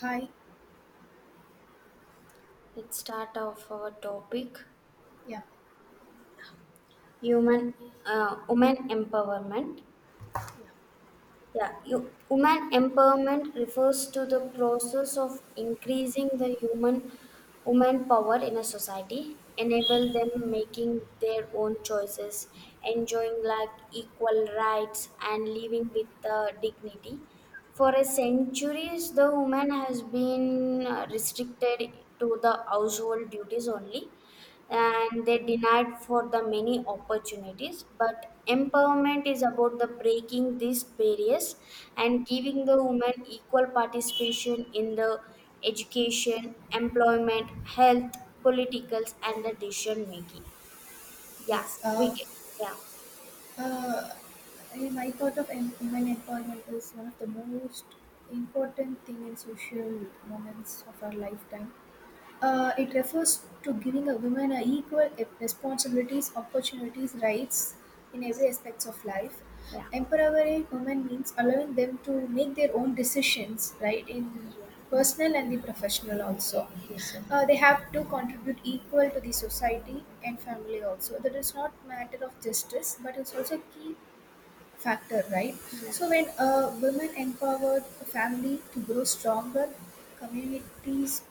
Hi. Let's start off our topic, Yeah. human, women empowerment. Yeah. Women empowerment refers to the process of increasing the human woman power in a society, enable them making their own choices, enjoying like equal rights and living with dignity. For a centuries, the woman has been restricted to the household duties only, and they denied for the many opportunities, but empowerment is about the breaking these barriers and giving the women equal participation in the education, employment, health, politicals, and the decision making. Yeah, Yes. we can, yeah, uh, in my thought of women employment is one of the most important thing in social moments of our lifetime. It refers to giving a woman a equal responsibilities, opportunities, rights in yes, every aspects of life. yeah, Empowering women means allowing them to make their own decisions, right, in yeah, personal and the professional also. yes, yes, They have to contribute equal to the society and family also. That is not matter of justice, but it's also a key factor, right? yeah, So when women empowered, the family to grow stronger, communities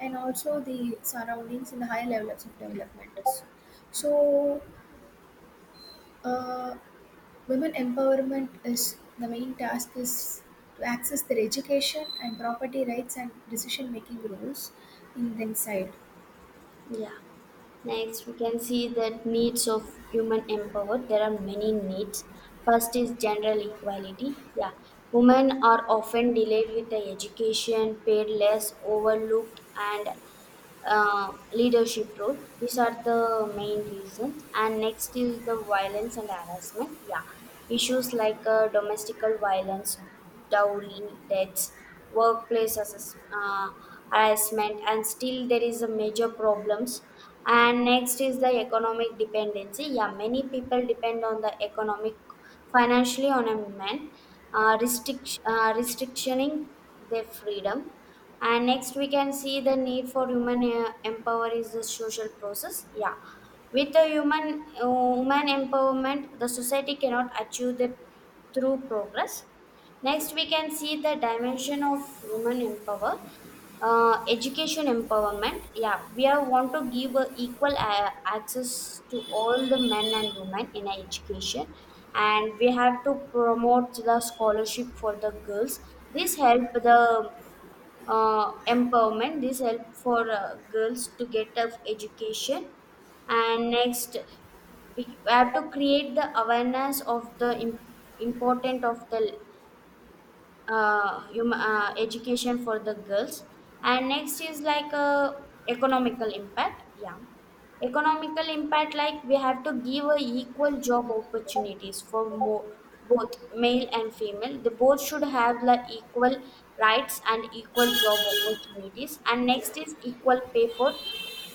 and also the surroundings in the high levels of development. So, uh, Women empowerment is the main task is to access their education and property rights and decision making roles in their side. yeah. Next, we can see that needs of human empowerment. There are many needs. First is general equality. Yeah. Women are often delayed with the education, paid less, overlooked, and leadership role. These are the main reasons. And next is the violence and harassment. Yeah, issues like domestic violence, dowry, deaths, workplace assess- uh, harassment, and still there is a major problems. And next is the economic dependency. Yeah, many people depend on the economic financially on a man, restrictioning their freedom. And next, we can see the need for human empower is the social process. Yeah, with the human woman empowerment, the society cannot achieve that through progress. Next, we can see the dimension of human empower, education empowerment. Yeah, we are want to give a equal access to all the men and women in education, and we have to promote the scholarship for the girls. This help the empowerment. This help for girls to get of education, and next we have to create the awareness of the important of the education for the girls, and next is like economical impact. Yeah, economical impact, like we have to give a equal job opportunities for more, both male and female, they both should have the equal rights and equal job opportunities, and next is equal pay for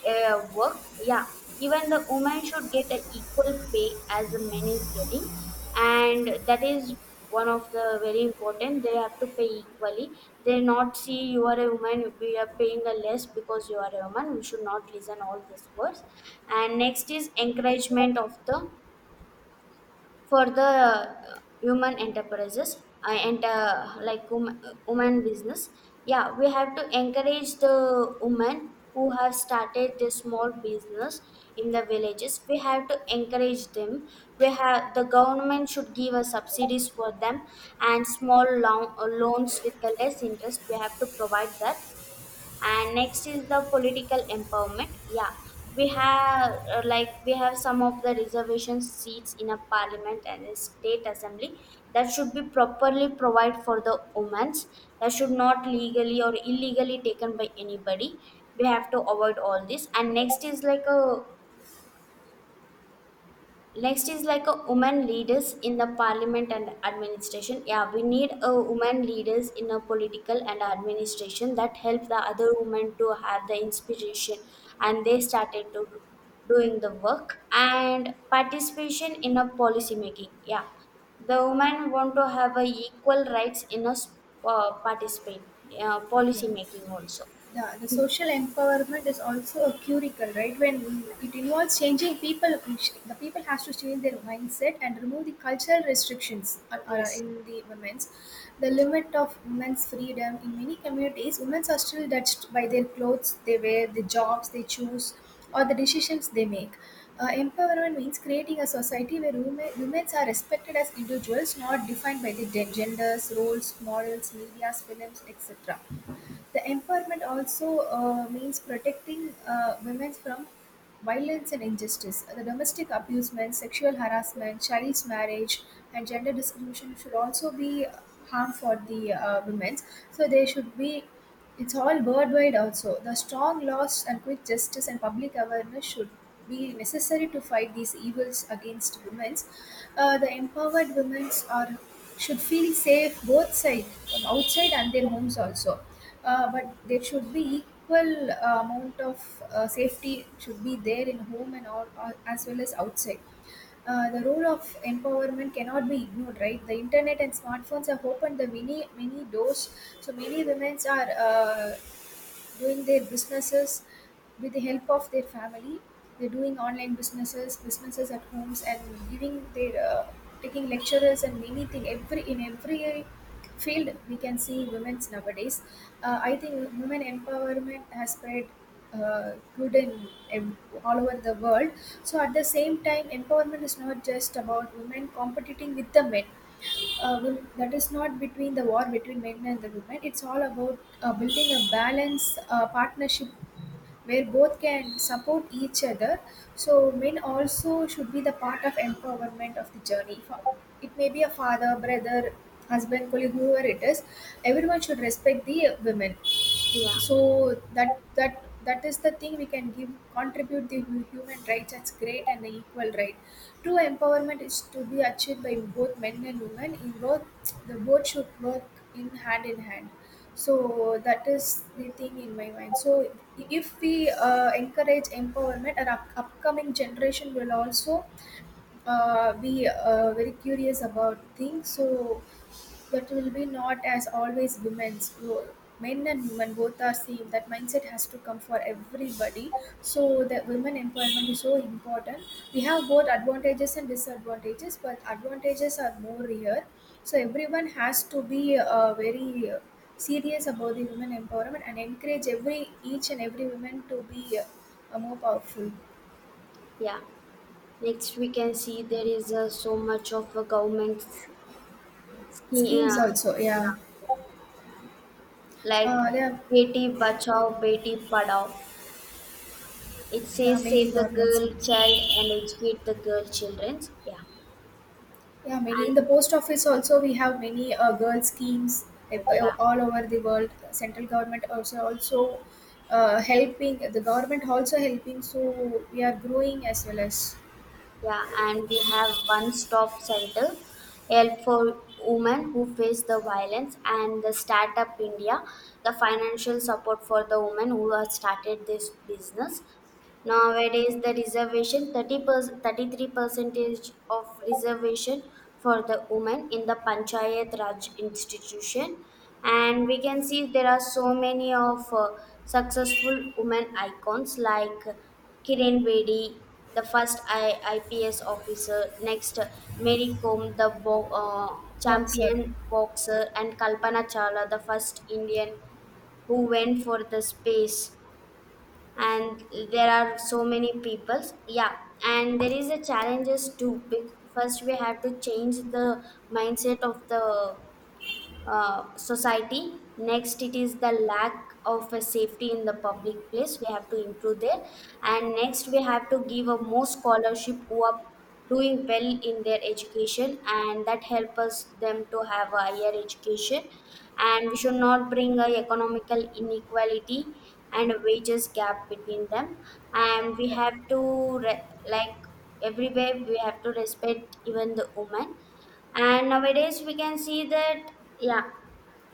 work. Yeah, even the woman should get an equal pay as the men is getting, and that is one of the very important. They have to pay equally. They not see you are a woman. We are paying a less because you are a woman. We should not listen all these words. And next is encouragement of the for the human enterprises I enter like wom- woman business. Yeah, we have to encourage the women who have started this small business in the villages. We have to encourage them. We have the government should give us subsidies for them, and loans with the less interest we have to provide that. And next is the political empowerment. Yeah, we have like we have some of the reservation seats in a parliament and a state assembly, that should be properly provided for the women. That should not legally or illegally taken by anybody. We have to avoid all this, and next is like a women leaders in the parliament and administration. Yeah, we need a women leaders in a political and administration that help the other women to have the inspiration, and they started to doing the work and participation in a policy making. Yeah, the women want to have a equal rights in a participate Yeah. policy making also. The Mm. social empowerment is also a curricle, right? When Yeah. we, it involves changing people, the people has to change their mindset and remove the cultural restrictions Yes. in the women's, the limit of women's freedom. In many communities, women are still judged by their clothes they wear, the jobs they choose, or the decisions they make. Empowerment means creating a society where women, women are respected as individuals, not defined by their genders, roles, morals, media, films, etc. The empowerment also means protecting women from violence and injustice. The domestic abusement, sexual harassment, child's marriage, and gender discrimination should also be harm for the women. So they should be. It's all worldwide also. The strong laws and quick justice and public awareness should be necessary to fight these evils against women. The empowered women are should feel safe both sides, from outside and their homes also. But there should be equal amount of safety should be there in home and all, as well as outside. The role of empowerment cannot be ignored, right? The internet and smartphones have opened the many many doors, so many women are doing their businesses with the help of their family. They're doing online businesses, businesses at homes, and giving their taking lecturers and anything. Every in every field we can see women's nowadays. I think women empowerment has spread good in all over the world. So at the same time, empowerment is not just about women competing with the men. Well, that is not between the war between men and the women. It's all about building a balanced partnership where both can support each other. So men also should be the part of empowerment of the journey. It may be a father, brother, husband, colleague, whoever it is. Everyone should respect the women, Yeah. so that that is the thing we can give, contribute the human rights as great and equal right. True empowerment is to be achieved by both men and women. In both, the both should work in hand in hand. So that is the thing in my mind. So if we encourage empowerment, our upcoming generation will also be very curious about things, so that will be not as always women's role. Men and women both are same. That mindset has to come for everybody. So the women empowerment is so important. We have both advantages and disadvantages, but advantages are more here. So everyone has to be very serious about the women empowerment and encourage every each and every woman to be more powerful. Yeah. Next, we can see there is so much of a government scheme, Schemes also, yeah. yeah, like Uh, yeah, Beti Bachao, Beti Padhao. It yeah, says many save the government girl schemes. child and educate the girl children. Yeah. Yeah, many in And the post office also we have many girl schemes like, yeah, all over the world. Central government also helping, the government also helping. So we are growing as well as yeah, and we have one stop center, help for women who face the violence, and the Startup India, the financial support for the women who have started this business. Nowadays, the reservation 30%, 33 percentage of reservation for the women in the Panchayat Raj institution, and we can see there are so many of successful women icons like Kiran Bedi, the IPS officer, next Mary Kom, the boxer. champion boxer, and Kalpana Chawla, the first Indian who went for the space, and there are so many peoples. Yeah. And there is a challenges too, first we have to change the mindset of the society. Next, it is the lack of a safety in the public place. We have to improve there. And next, we have to give a more scholarship who are doing well in their education, and that help us them to have a higher education. Yeah, And we should not bring a economical inequality and wages gap between them. the, And we the have to like everywhere we have to respect even the women, and nowadays we can see that, yeah,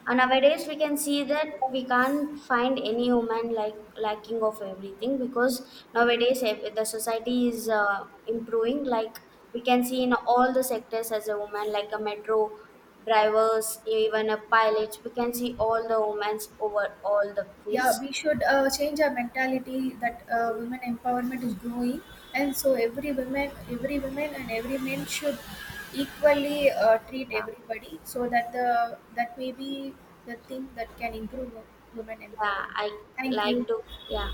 and nowadays we can see that we can't find any human like lacking of everything, because nowadays the society is improving, like we can see in all the sectors as a woman, like a metro drivers, even a pilot, we can see all the women's over all the yeah fields. we should change our mentality that women empowerment is growing, and so every woman and every man should equally treat Yeah. everybody so that the that may be the thing that can improve women Yeah, I empowerment. Thank like you. to, yeah.